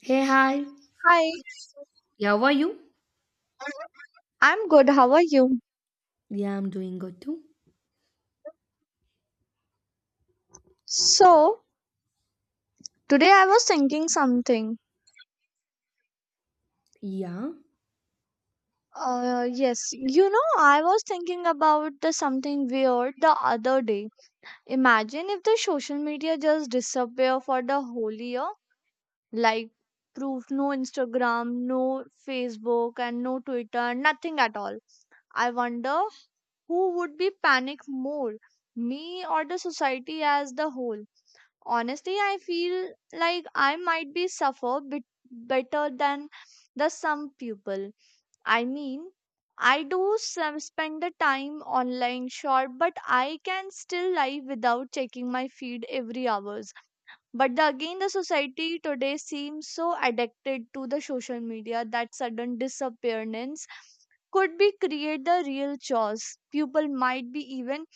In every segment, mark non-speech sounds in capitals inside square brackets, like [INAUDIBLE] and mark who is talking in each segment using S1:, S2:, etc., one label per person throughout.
S1: Hey, hi.
S2: Hi,
S1: Yeah, How are you?
S2: I'm good. How are you?
S1: Yeah, I'm doing good too.
S2: So, today I was thinking something.
S1: Yeah.
S2: Yes, I was thinking about the something weird the other day. Imagine if the social media just disappear for the whole year. Like, proof no Instagram, no Facebook, and no Twitter, nothing at all. I wonder who would be panic more, me or the society as the whole. Honestly, I feel like I might be suffer bit better than the some people. I mean, I do some spend the time online, sure, but I can still live without checking my feed every hours. But again, the society today seems so addicted to the social media that sudden disappearance could be create the real chores. People might be even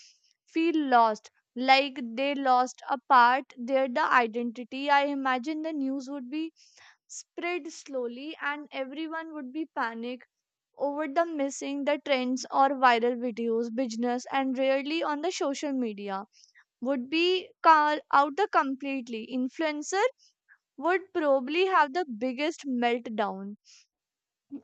S2: feel lost, like they lost a part their the identity. I imagine the news would be spread slowly and everyone would be panic over the missing the trends or viral videos business and rarely on the social media would be call out the completely influencer would probably have the biggest meltdown.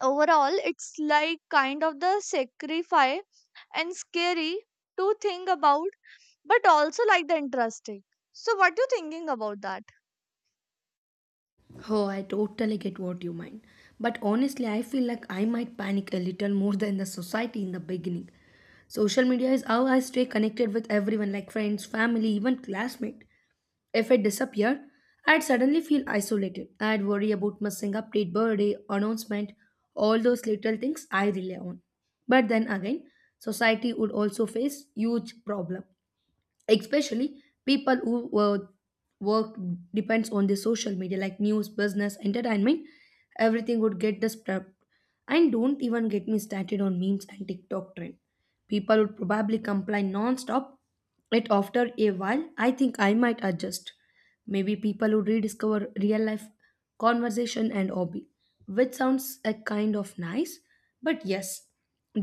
S2: Overall, it's like kind of the sacrifice and scary to think about, but also like the interesting. So what you thinking about that?
S1: Oh, I totally get what you mean. But honestly, I feel like I might panic a little more than the society in the beginning. Social media is how I stay connected with everyone, like friends, family, even classmates. If it disappeared, I'd suddenly feel isolated. I'd worry about missing update, birthday, announcement, all those little things I rely on. But then again, society would also face huge problem. Especially people who work depends on the social media like news business entertainment everything would get disrupt and don't even get me started on memes and tiktok trend people would probably complain non-stop it after a while I think I might adjust maybe people would rediscover real life conversation and hobby which sounds a kind of nice but yes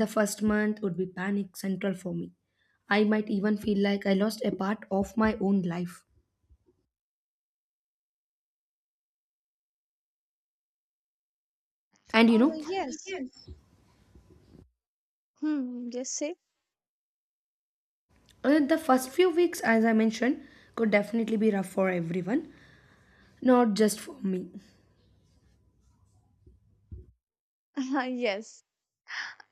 S1: the first month would be panic central for me I might even feel like I lost a part of my own life. And you
S2: Oh,
S1: know,
S2: yes. Hmm, yes, say.
S1: the first few weeks, as I mentioned, could definitely be rough for everyone, not just for me.
S2: [LAUGHS] Yes,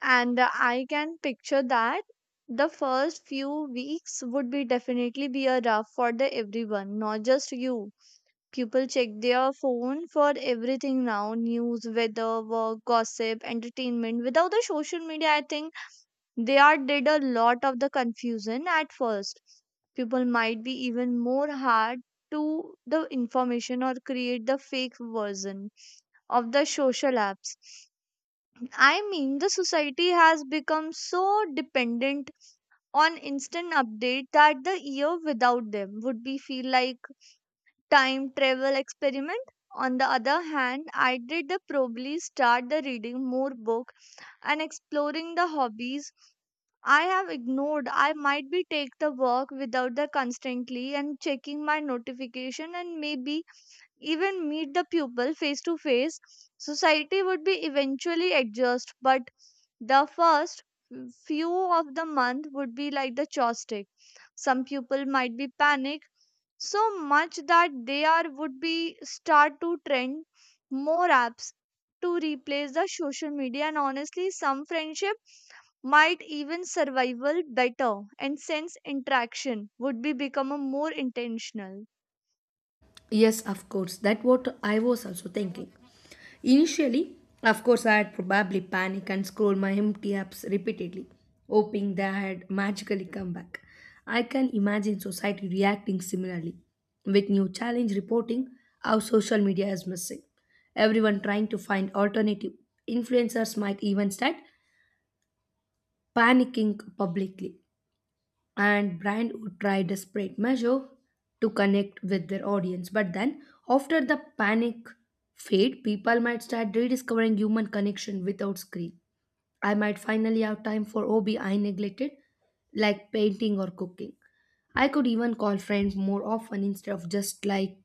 S2: and I can picture that the first few weeks would be definitely be a rough for the everyone, not just you. People check their phone for everything now, news, weather, work, gossip, entertainment. Without the social media, I think they are did a lot of the confusion at first. People might be even more hard to the information or create the fake version of the social apps. I mean, the society has become so dependent on instant update that the year without them would be feel like time travel experiment. On the other hand, I did the probably start the reading more book and exploring the hobbies I have ignored. I might be take the work without the constantly and checking my notification and maybe even meet the pupil face to face, society would be eventually adjust. But the first few of the month would be like the chopstick. Some pupil might be panic so much that they are would be start to trend more apps to replace the social media, and honestly some friendship might even survival better and since interaction would be become a more intentional.
S1: Yes, of course. That what I was also thinking. Initially, of course, I had probably panicked and scrolled my empty apps repeatedly, hoping they had magically come back. I can imagine society reacting similarly, with new challenge reporting how social media is missing. Everyone trying to find alternative. Influencers might even start panicking publicly and brand would try desperate measure to connect with their audience but then after the panic fade people might start rediscovering human connection without screen I might finally have time for hobby I neglected like painting or cooking I could even call friends more often instead of just like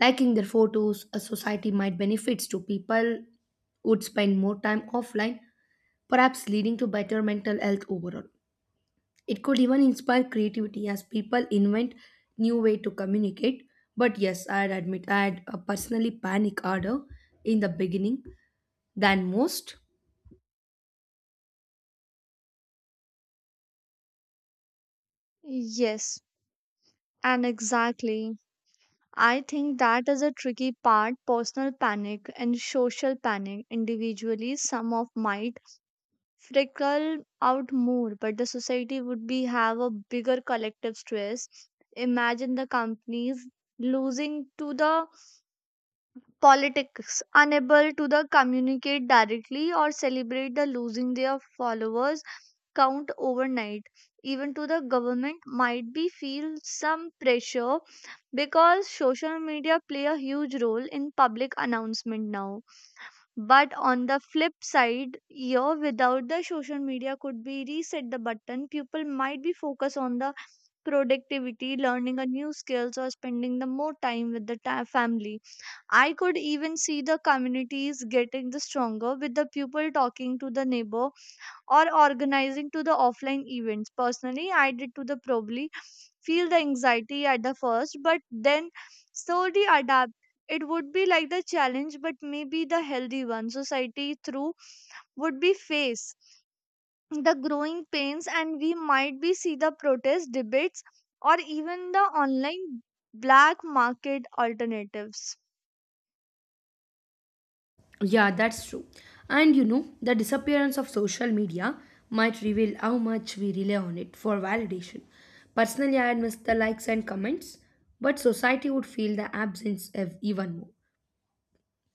S1: liking their photos a society might benefits to people would spend more time offline perhaps leading to better mental health overall it could even inspire creativity as people invent new way to communicate. But yes, I'd admit I had a personally panic order in the beginning than most.
S2: Yes. And exactly, I think that is a tricky part personal panic and social panic. Individually, some of might freckle out more, but the society would be have a bigger collective stress. Imagine the companies losing to the politics unable to the communicate directly or celebrate the losing their followers count overnight. Even to the government might be feel some pressure because social media play a huge role in public announcement now, but on the flip side here without the social media could be reset the button. People might be focus on the productivity, learning a new skills, or spending the more time with the family. I could even see the communities getting the stronger with the people talking to the neighbor or organizing to the offline events. Personally, I did to the probably feel the anxiety at the first, but then slowly adapt. It would be like the challenge, but maybe the healthy one society through would be face the growing pains, and we might be see the protest debates or even the online black market alternatives.
S1: Yeah, that's true. And you know, the disappearance of social media might reveal how much we rely on it for validation. Personally, I'd miss the likes and comments, but society would feel the absence of even more.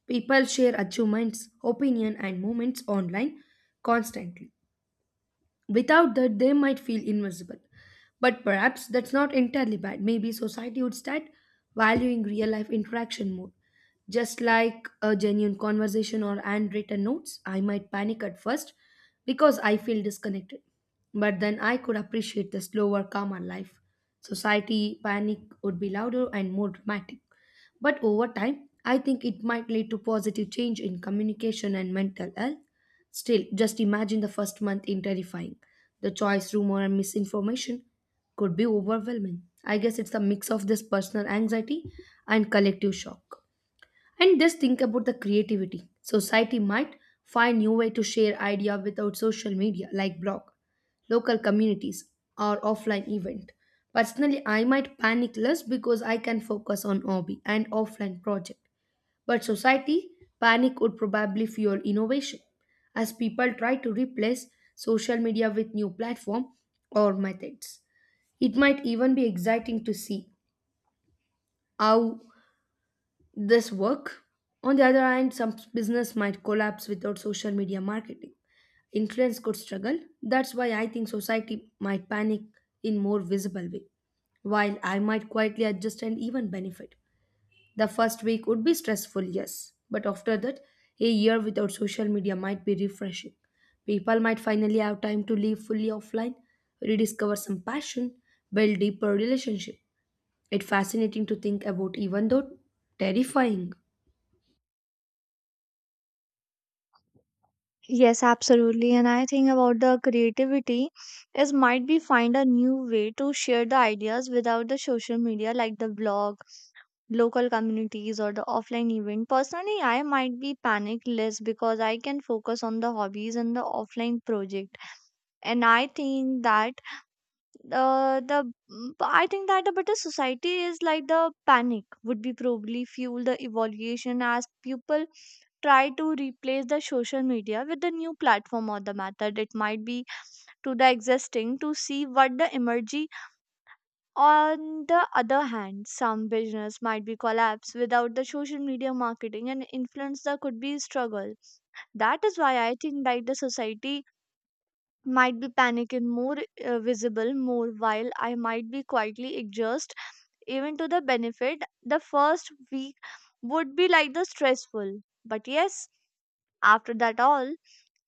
S1: People share achievements, opinion, and moments online constantly Without that, they might feel invisible. But perhaps that's not entirely bad. Maybe society would start valuing real life interaction more. Just like a genuine conversation or handwritten notes, I might panic at first because I feel disconnected. But then I could appreciate the slower, calmer life. Society panic would be louder and more dramatic. But over time, I think it might lead to positive change in communication and mental health. Still, just imagine the first month in terrifying. The choice, rumor, and misinformation could be overwhelming. I guess it's a mix of this personal anxiety and collective shock. And just think about the creativity. Society might find new way to share idea without social media like blog, local communities, or offline event. Personally, I might panic less because I can focus on hobby and offline project. But society panic would probably fuel innovation as people try to replace social media with new platform or methods. It might even be exciting to see how this work. On the other hand, some business might collapse without social media marketing. Influence could struggle. That's why I think society might panic in more visible way, while I might quietly adjust and even benefit. The first week would be stressful, yes, but after that, a year without social media might be refreshing. People might finally have time to live fully offline, rediscover some passion, build deeper relationship. It's fascinating to think about even though terrifying.
S2: Yes, absolutely. And I think about the creativity is might be find a new way to share the ideas without the social media, like the blog, local communities, or the offline event. Personally, I might be panic less because I can focus on the hobbies and the offline project. And I think that a better society is like the panic would be probably fuel the evaluation as people try to replace the social media with the new platform or the method. It might be to the existing to see what the emergy. On the other hand, some business might be collapse without the social media marketing, and influence there could be struggle. That is why I think like the society might be panic and more visible more, while I might be quietly exhaust, even to the benefit. The first week would be like the stressful, but yes, after that all,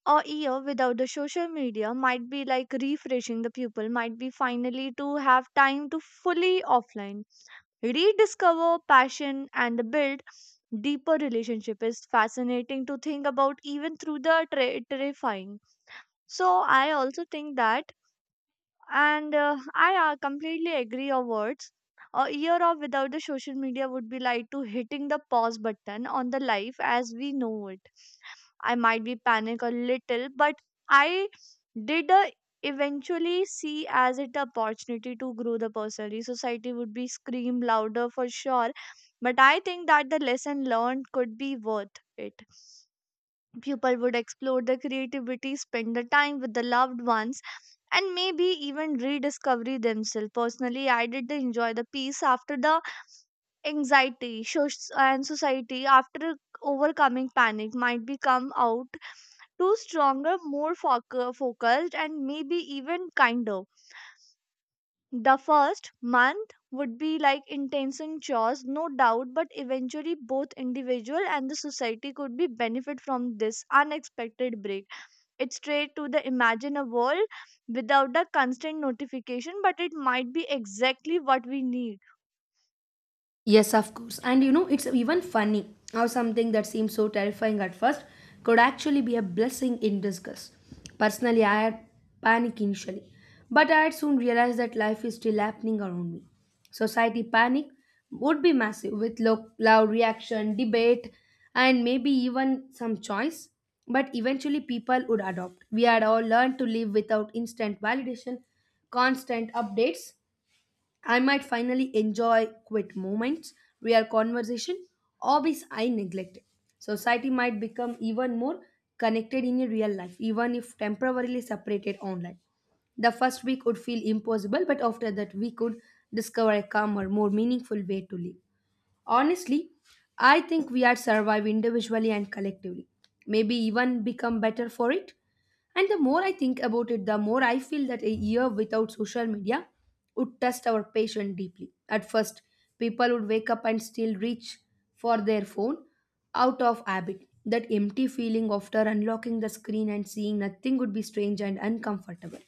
S2: a year without the social media might be like refreshing. The pupil might be finally to have time to fully offline, rediscover passion, and build deeper relationship. Is fascinating to think about, even through the terrifying. So I also think that. And I completely agree your words. A year of without the social media would be like to hitting the pause button on the life as we know it. I might be panic a little, but I did eventually see as it opportunity to grow the personally. Society would be scream louder for sure, but I think that the lesson learned could be worth it. People would explore their creativity, spend the time with the loved ones, and maybe even rediscover themselves. Personally, I did enjoy the peace after the anxiety and society after overcoming panic might become out to stronger, more focused, and maybe even kinder. The first month would be like intense and chores, no doubt, but eventually both individual and the society could be benefit from this unexpected break. It's straight to the imagine a world without the constant notification, but it might be exactly what we need.
S1: Yes, of course. And you know, it's even funny how something that seems so terrifying at first could actually be a blessing in disguise. Personally, I had panic initially, but I had soon realized that life is still happening around me. Society panic would be massive with loud reaction, debate, and maybe even some choice. But eventually, people would adopt. We had all learned to live without instant validation, constant updates, I might finally enjoy quiet moments, real conversation, hobbies I neglected. Society might become even more connected in real life, even if temporarily separated online. The first week would feel impossible, but after that, we could discover a calmer, more meaningful way to live. Honestly, I think we are survive individually and collectively. Maybe even become better for it. And the more I think about it, the more I feel that a year without social media would test our patience deeply. At first, people would wake up and still reach for their phone out of habit. That empty feeling after unlocking the screen and seeing nothing would be strange and uncomfortable.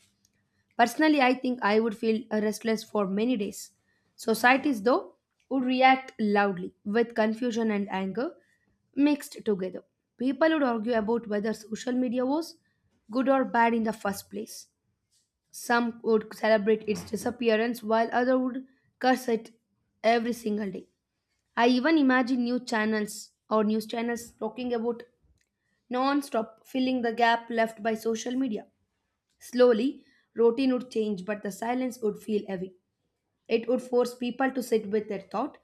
S1: Personally, I think I would feel restless for many days. Societies, though, would react loudly with confusion and anger mixed together. People would argue about whether social media was good or bad in the first place. Some would celebrate its disappearance while others would curse it every single day. I even imagine new channels or news channels talking about non stop filling the gap left by social media. Slowly, routine would change, but the silence would feel heavy. It would force people to sit with their thought,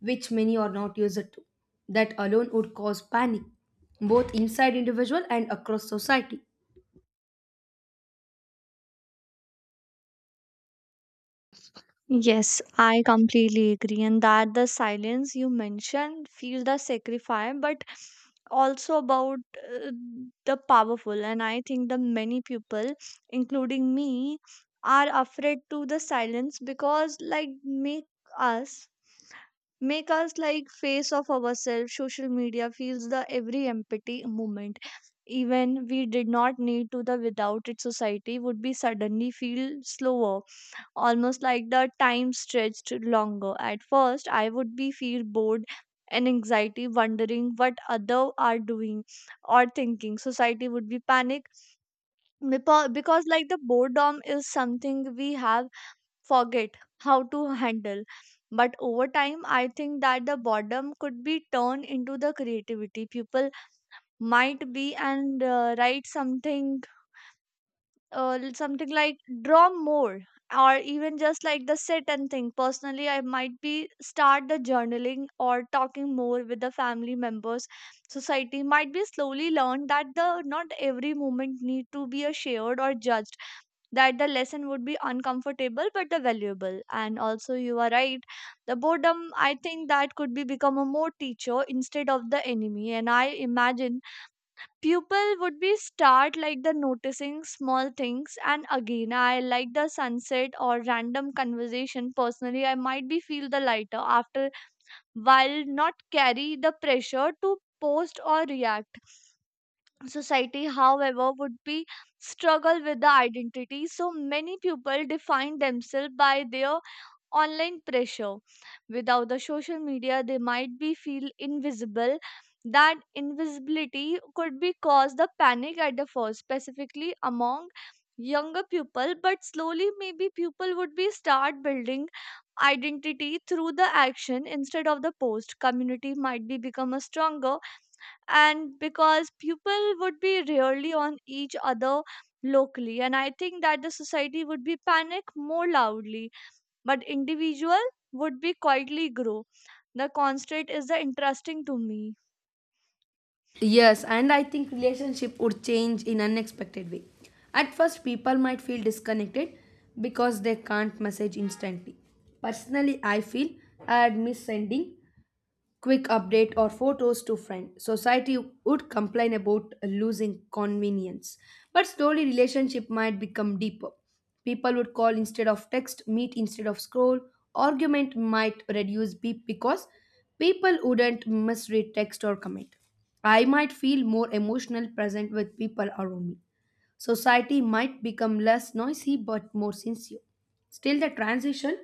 S1: which many are not used to. That alone would cause panic, both inside individual and across society.
S2: Yes, I completely agree. And that the silence you mentioned, feel the sacrifice, but also about uh, the powerful. And I think the many people, including me, are afraid to the silence because like us make us like face of ourselves. Social media feels the every empathy moment, even we did not need to the. Without it, society would be suddenly feel slower, almost like the time stretched longer. At first, I would be feel bored and anxiety, wondering what other are doing or thinking. Society would be panic because like the boredom is something we have forget how to handle. But over time, I think that the boredom could be turned into the creativity. People might be and write something like draw more, or even just like the sit and think. Personally, I might be start the journaling or talking more with the family members. Society might be slowly learn that the not every moment need to be a shared or judged. That the lesson would be uncomfortable but the valuable. And also you are right. The boredom, I think that could be become a more teacher instead of the enemy. And I imagine pupil would be start like the noticing small things, and again I like the sunset or random conversation. Personally, I might be feel the lighter after while, not carry the pressure to post or react. Society, however, would be struggle with the identity. So many people define themselves by their online pressure. Without the social media, they might be feel invisible. That invisibility could be cause the panic at the first, specifically among younger people. But slowly, maybe people would be start building identity through the action instead of the post. Community might be become a stronger, and because people would be rarely on each other locally, and I think that the society would be panic more loudly, but individual would be quietly grow. The constant is the interesting to me.
S1: Yes, and I think relationship would change in unexpected way. At first, people might feel disconnected because they can't message instantly. Personally, I feel I'd miss sending quick update or photos to friend society would complain about losing convenience but slowly relationship might become deeper people would call instead of text meet instead of scroll argument might reduce beep because people wouldn't misread text or comment I might feel more emotional present with people around me Society might become less noisy but more sincere. Still, the transition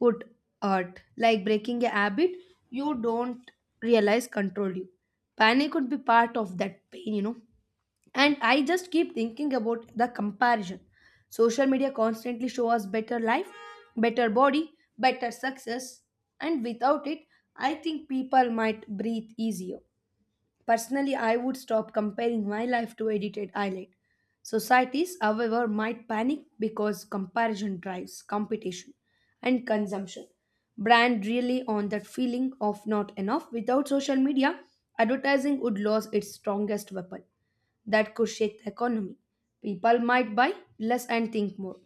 S1: would hurt, like breaking a habit you don't realize controlled you. Panic would be part of that pain, you know. And I just keep thinking about the comparison. Social media constantly show us better life, better body, better success, and without it, I think people might breathe easier. Personally, I would stop comparing my life to edited highlight. Societies, however, might panic because comparison drives competition and consumption. Brand really on that feeling of not enough. Without social media, advertising would lose its strongest weapon that could shake the economy. People might buy less and think more.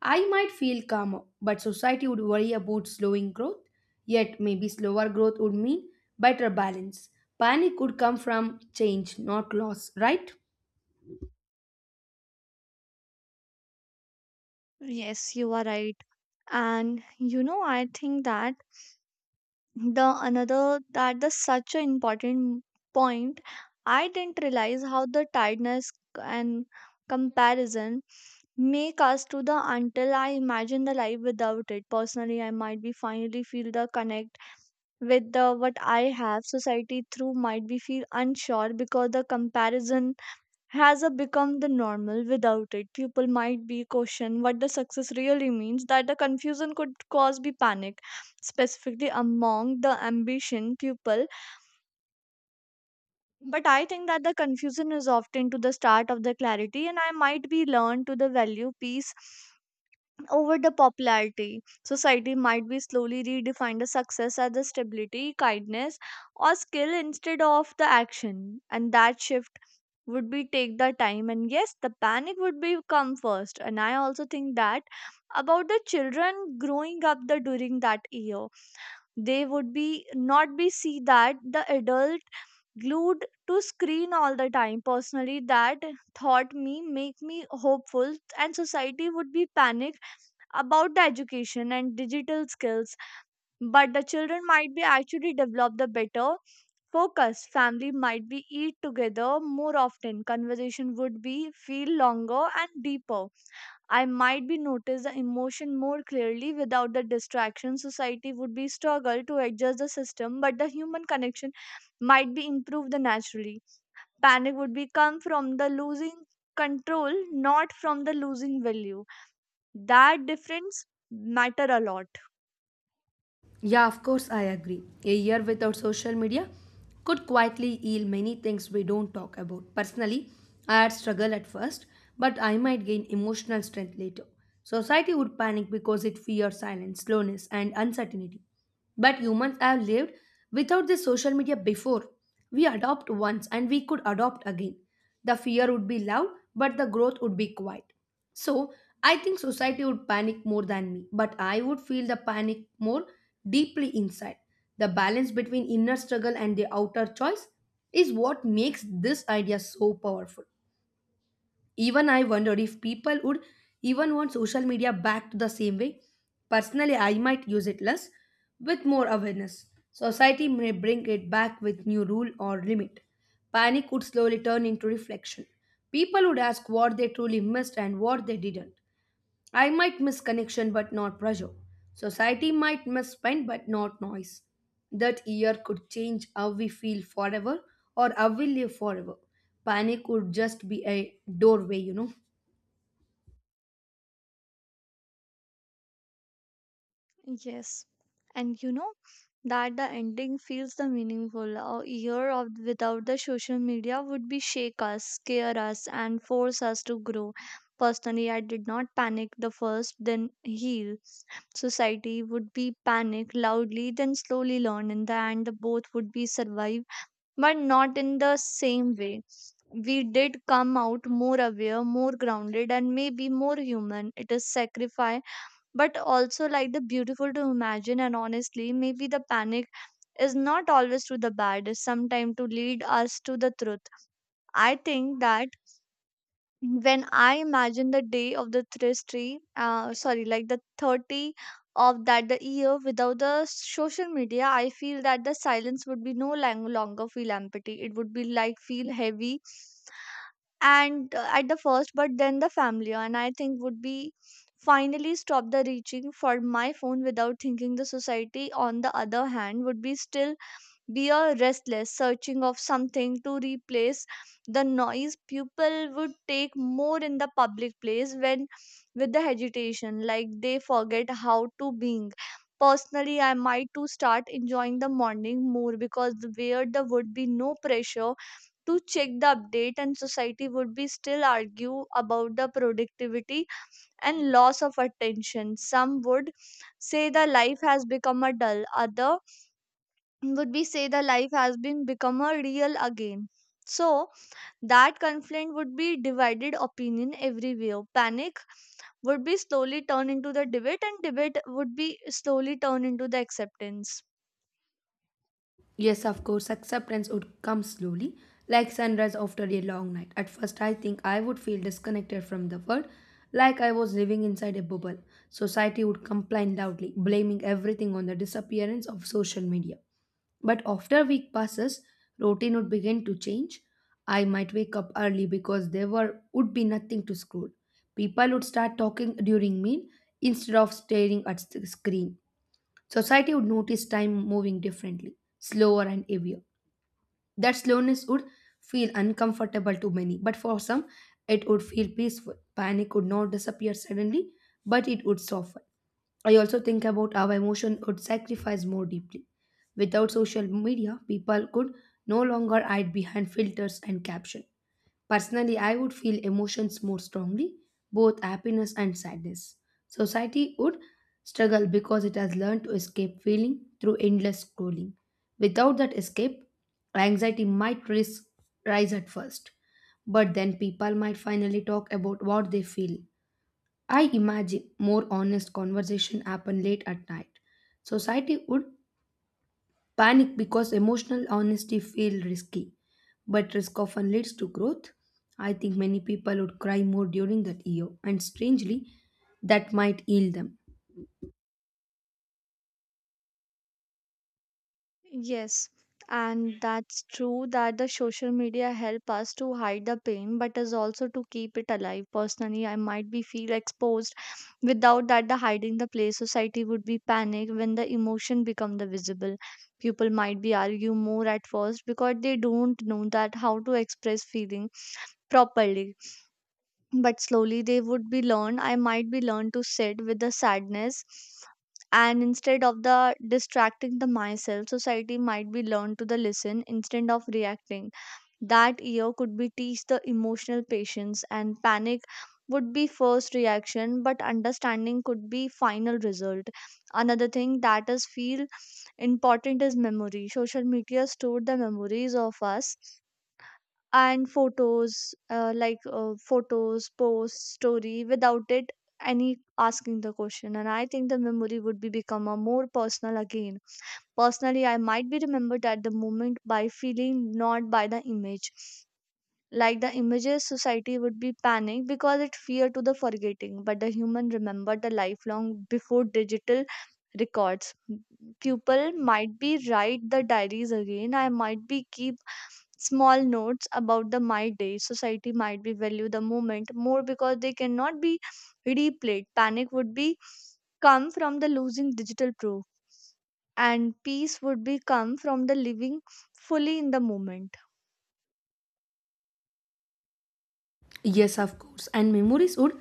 S1: I might feel calmer, but society would worry about slowing growth. Yet, maybe slower growth would mean better balance. Panic could come from change, not loss, right?
S2: Yes, you are right. And you know I think that the another that the such an important point. I didn't realize how the tiredness and comparison May cast to the until I imagine the life without it. Personally, I might be finally feel the connect with the what I have. Society through might be feel unsure because the comparison has a become the normal without it. People might be question what the success really means. That the confusion could cause be panic, specifically among the ambition people. But I think that the confusion is often to the start of the clarity, and I might be learned to the value peace over the popularity. Society might be slowly redefine the success as the stability, kindness, or skill instead of the action. And that shift would be take the time, and yes, the panic would be come first. And I also think that about the children growing up the during that year, they would be not be see that the adult glued to screen all the time. Personally, that thought me make me hopeful. And society would be panic about the education and digital skills, but the children might be actually develop the better focus. Family might be eat together more often. Conversation would be feel longer and deeper. I might be notice the emotion more clearly without the distraction. Society would be struggle to adjust the system, but the human connection might be improved the naturally. Panic would be come from the losing control, not from the losing value. That difference matter a lot.
S1: Yeah, of course, I agree. A year without social media could quietly yield many things we don't talk about. Personally, I had struggle at first, but I might gain emotional strength later. Society would panic because it fears silence, slowness, and uncertainty. But humans have lived without this social media before. We adopt once and we could adopt again. The fear would be loud, but the growth would be quiet. So I think society would panic more than me, but I would feel the panic more deeply inside. The balance between inner struggle and the outer choice is what makes this idea so powerful. Even I wondered if people would even want social media back to the same way. Personally, I might use it less with more awareness. Society may bring it back with new rule or limit. Panic would slowly turn into reflection. People would ask what they truly missed and what they didn't. I might miss connection but not pressure. Society might miss spend but not noise. That year could change how we feel forever or how we live forever. Panic would just be a doorway, you know.
S2: Yes. And you know that the ending feels the meaningful. A year of without the social media would be shake us, scare us, and force us to grow. Personally, I did not panic the first, then heal. Society would be panic loudly, then slowly learn. In the end, the both would be survive, but not in the same way. We did come out more aware, more grounded, and maybe more human. It is sacrifice, but also like the beautiful to imagine. And honestly, maybe the panic is not always to the bad, is sometimes to lead us to the truth. I think that when I imagine the day of the 30, sorry, like the 30 of that the year without the social media, I feel that the silence would be no longer feel empty. It would be like feel heavy and at the first, but then the family and I think would be finally stop the reaching for my phone without thinking. The society on the other hand would be still we are restless, searching of something to replace the noise. People would take more in the public place when with the agitation, like they forget how to being. Personally, I might to start enjoying the morning more because where there would be no pressure to check the update. And society would be still argue about the productivity and loss of attention. Some would say the life has become a dull, other would we say the life has been become a real again. So that conflict would be divided opinion everywhere. Panic would be slowly turned into the debate, and debate would be slowly turned into the acceptance.
S1: Yes, of course, acceptance would come slowly, like sunrise after a long night. At first, I think I would feel disconnected from the world, like I was living inside a bubble. Society would complain loudly, blaming everything on the disappearance of social media. But after a week passes, routine would begin to change. I might wake up early because there were would be nothing to scroll. People would start talking during meal instead of staring at the screen. Society would notice time moving differently, slower and heavier. That slowness would feel uncomfortable to many, but for some, it would feel peaceful. Panic would not disappear suddenly, but it would soften. I also think about how emotion would sacrifice more deeply. Without social media, people could no longer hide behind filters and caption. Personally, I would feel emotions more strongly, both happiness and sadness. Society would struggle because it has learned to escape feeling through endless scrolling. Without that escape, Anxiety might rise at first, but then people might finally talk about what they feel. I imagine more honest conversation happen late at night. Society would panic because emotional honesty feel risky, but risk often leads to growth. I think many people would cry more during that year, and strangely, that might heal them.
S2: Yes, and that's true that the social media help us to hide the pain, but is also to keep it alive. Personally, I might be feel exposed. Without that, the hiding the place, society would be panic when the emotion become the visible. People might be argue more at first because they don't know that how to express feeling properly, but slowly they would be learned. I might be learned to sit with the sadness and instead of the distracting the myself. Society might be learned to the listen instead of reacting. That year could be teach the emotional patience, and panic would be first reaction, but understanding could be final result. Another thing that is feel important is memory. Social media stored the memories of us and photos post story. Without it, any asking the question, and I think the memory would be become a more personal again. Personally, I might be remembered at the moment by feeling, not by the image like the images. Society would be panicked because it feared to the forgetting, but the human remembered the lifelong before digital records. People might be write the diaries again. I might be keep small notes about the my day. Society might be value the moment more because they cannot be replayed. Panic would be come from the losing digital proof, and peace would be come from the living fully in the moment.
S1: Yes, of course, and memories would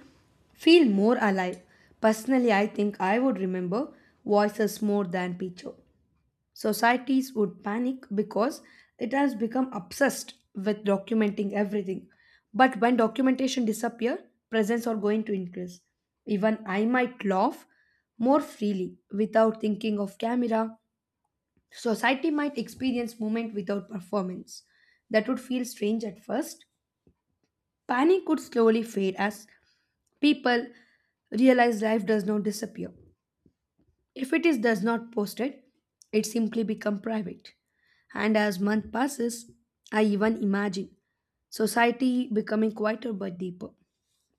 S1: feel more alive. Personally, I think I would remember voices more than picture. Societies would panic because it has become obsessed with documenting everything. But when documentation disappear, presents are going to increase. Even I might laugh more freely without thinking of camera. Society might experience movement without performance. That would feel strange at first. Panic would slowly fade as people realize life does not disappear. If it is does not posted, it simply become private. And as month passes, I even imagine society becoming quieter but deeper.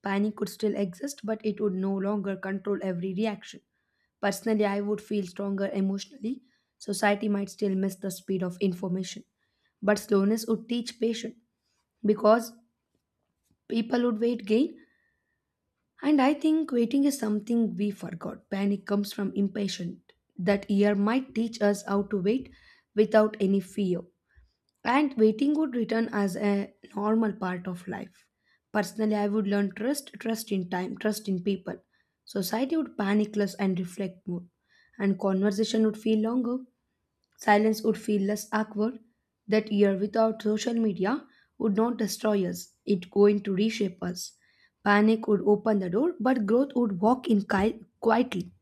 S1: Panic could still exist, but it would no longer control every reaction. Personally, I would feel stronger emotionally. Society might still miss the speed of information, but slowness would teach patience because people would wait gain and I think waiting is something we forgot. Panic comes from impatience. That year might teach us how to wait without any fear. And waiting would return as a normal part of life. Personally, I would learn trust, trust in time, trust in people. Society would panic less and reflect more. And conversation would feel longer. Silence would feel less awkward. That year without social media would not destroy us, it going to reshape us. Panic would open the door, but growth would walk in quietly.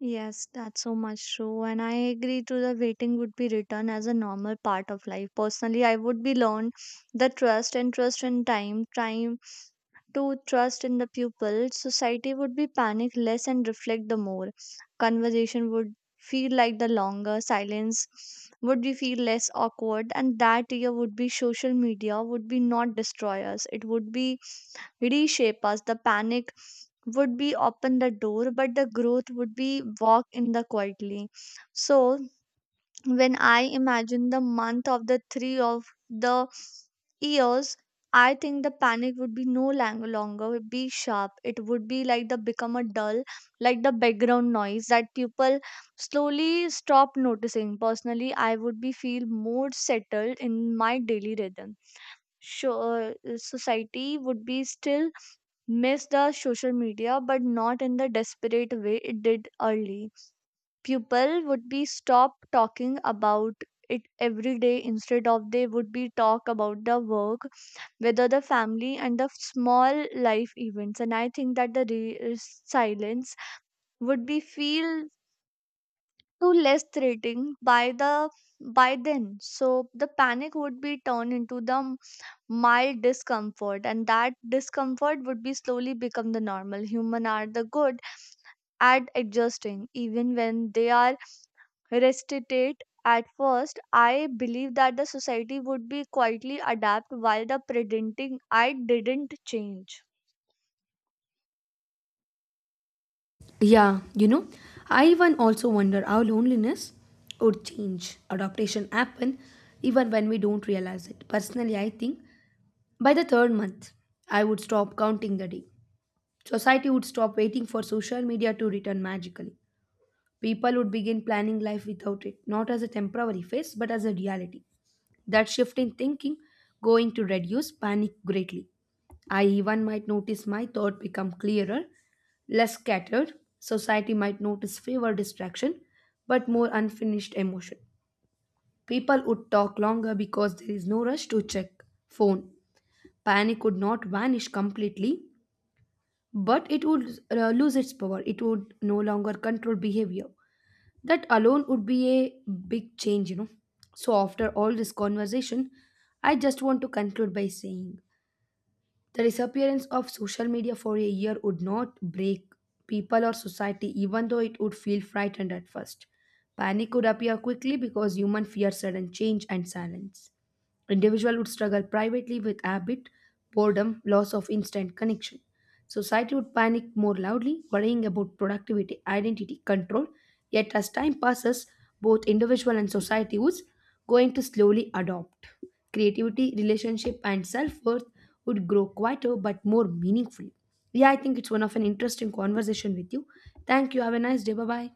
S2: Yes, that's so much true. And I agree to the waiting would be written as a normal part of life. Personally, I would be learned the trust and trust in time, time to trust in the pupil. Society would be panic less and reflect the more. Conversation would feel like the longer, silence would be feel less awkward, and that year would be social media would be not destroy us. It would be reshape us. The panic would be open the door, but the growth would be walk in the quietly. So when I imagine the month of the three of the years, I think the panic would be no longer would be sharp. It would be like the become a dull, like the background noise that people slowly stop noticing. Personally, I would be feel more settled in my daily rhythm, sure. Society would be still miss the social media, but not in the desperate way it did early. People would be stop talking about it every day. Instead of they would be talk about the work, whether the family and the small life events. And I think that silence would be feel too less threatening by then. So the panic would be turned into the mild discomfort, and that discomfort would be slowly become the normal. Human are the good at adjusting, even when they are restricted. At first, I believed that the society would be quietly adapt while the pretending I didn't change.
S1: Yeah, you know, I even also wonder how loneliness would change. Adaptation happen even when we don't realize it. Personally, I think by the third month, I would stop counting the day. Society would stop waiting for social media to return magically. People would begin planning life without it, not as a temporary phase, but as a reality. That shift in thinking going to reduce panic greatly. I even might notice my thought become clearer, less scattered. Society might notice fewer distraction, but more unfinished emotion. People would talk longer because there is no rush to check phone. Panic would not vanish completely, but it would lose its power. It would no longer control behavior. That alone would be a big change, you know. So, after all this conversation, I just want to conclude by saying the disappearance of social media for a year would not break people or society, even though it would feel frightened at first. Panic could appear quickly because human fear sudden change and silence. Individual would struggle privately with habit, boredom, loss of instant connection. Society would panic more loudly, worrying about productivity, identity, control. Yet as time passes, both individual and society was going to slowly adopt. Creativity, relationship, and self-worth would grow quieter but more meaningful. Yeah, I think it's one of an interesting conversation with you. Thank you. Have a nice day. Bye bye.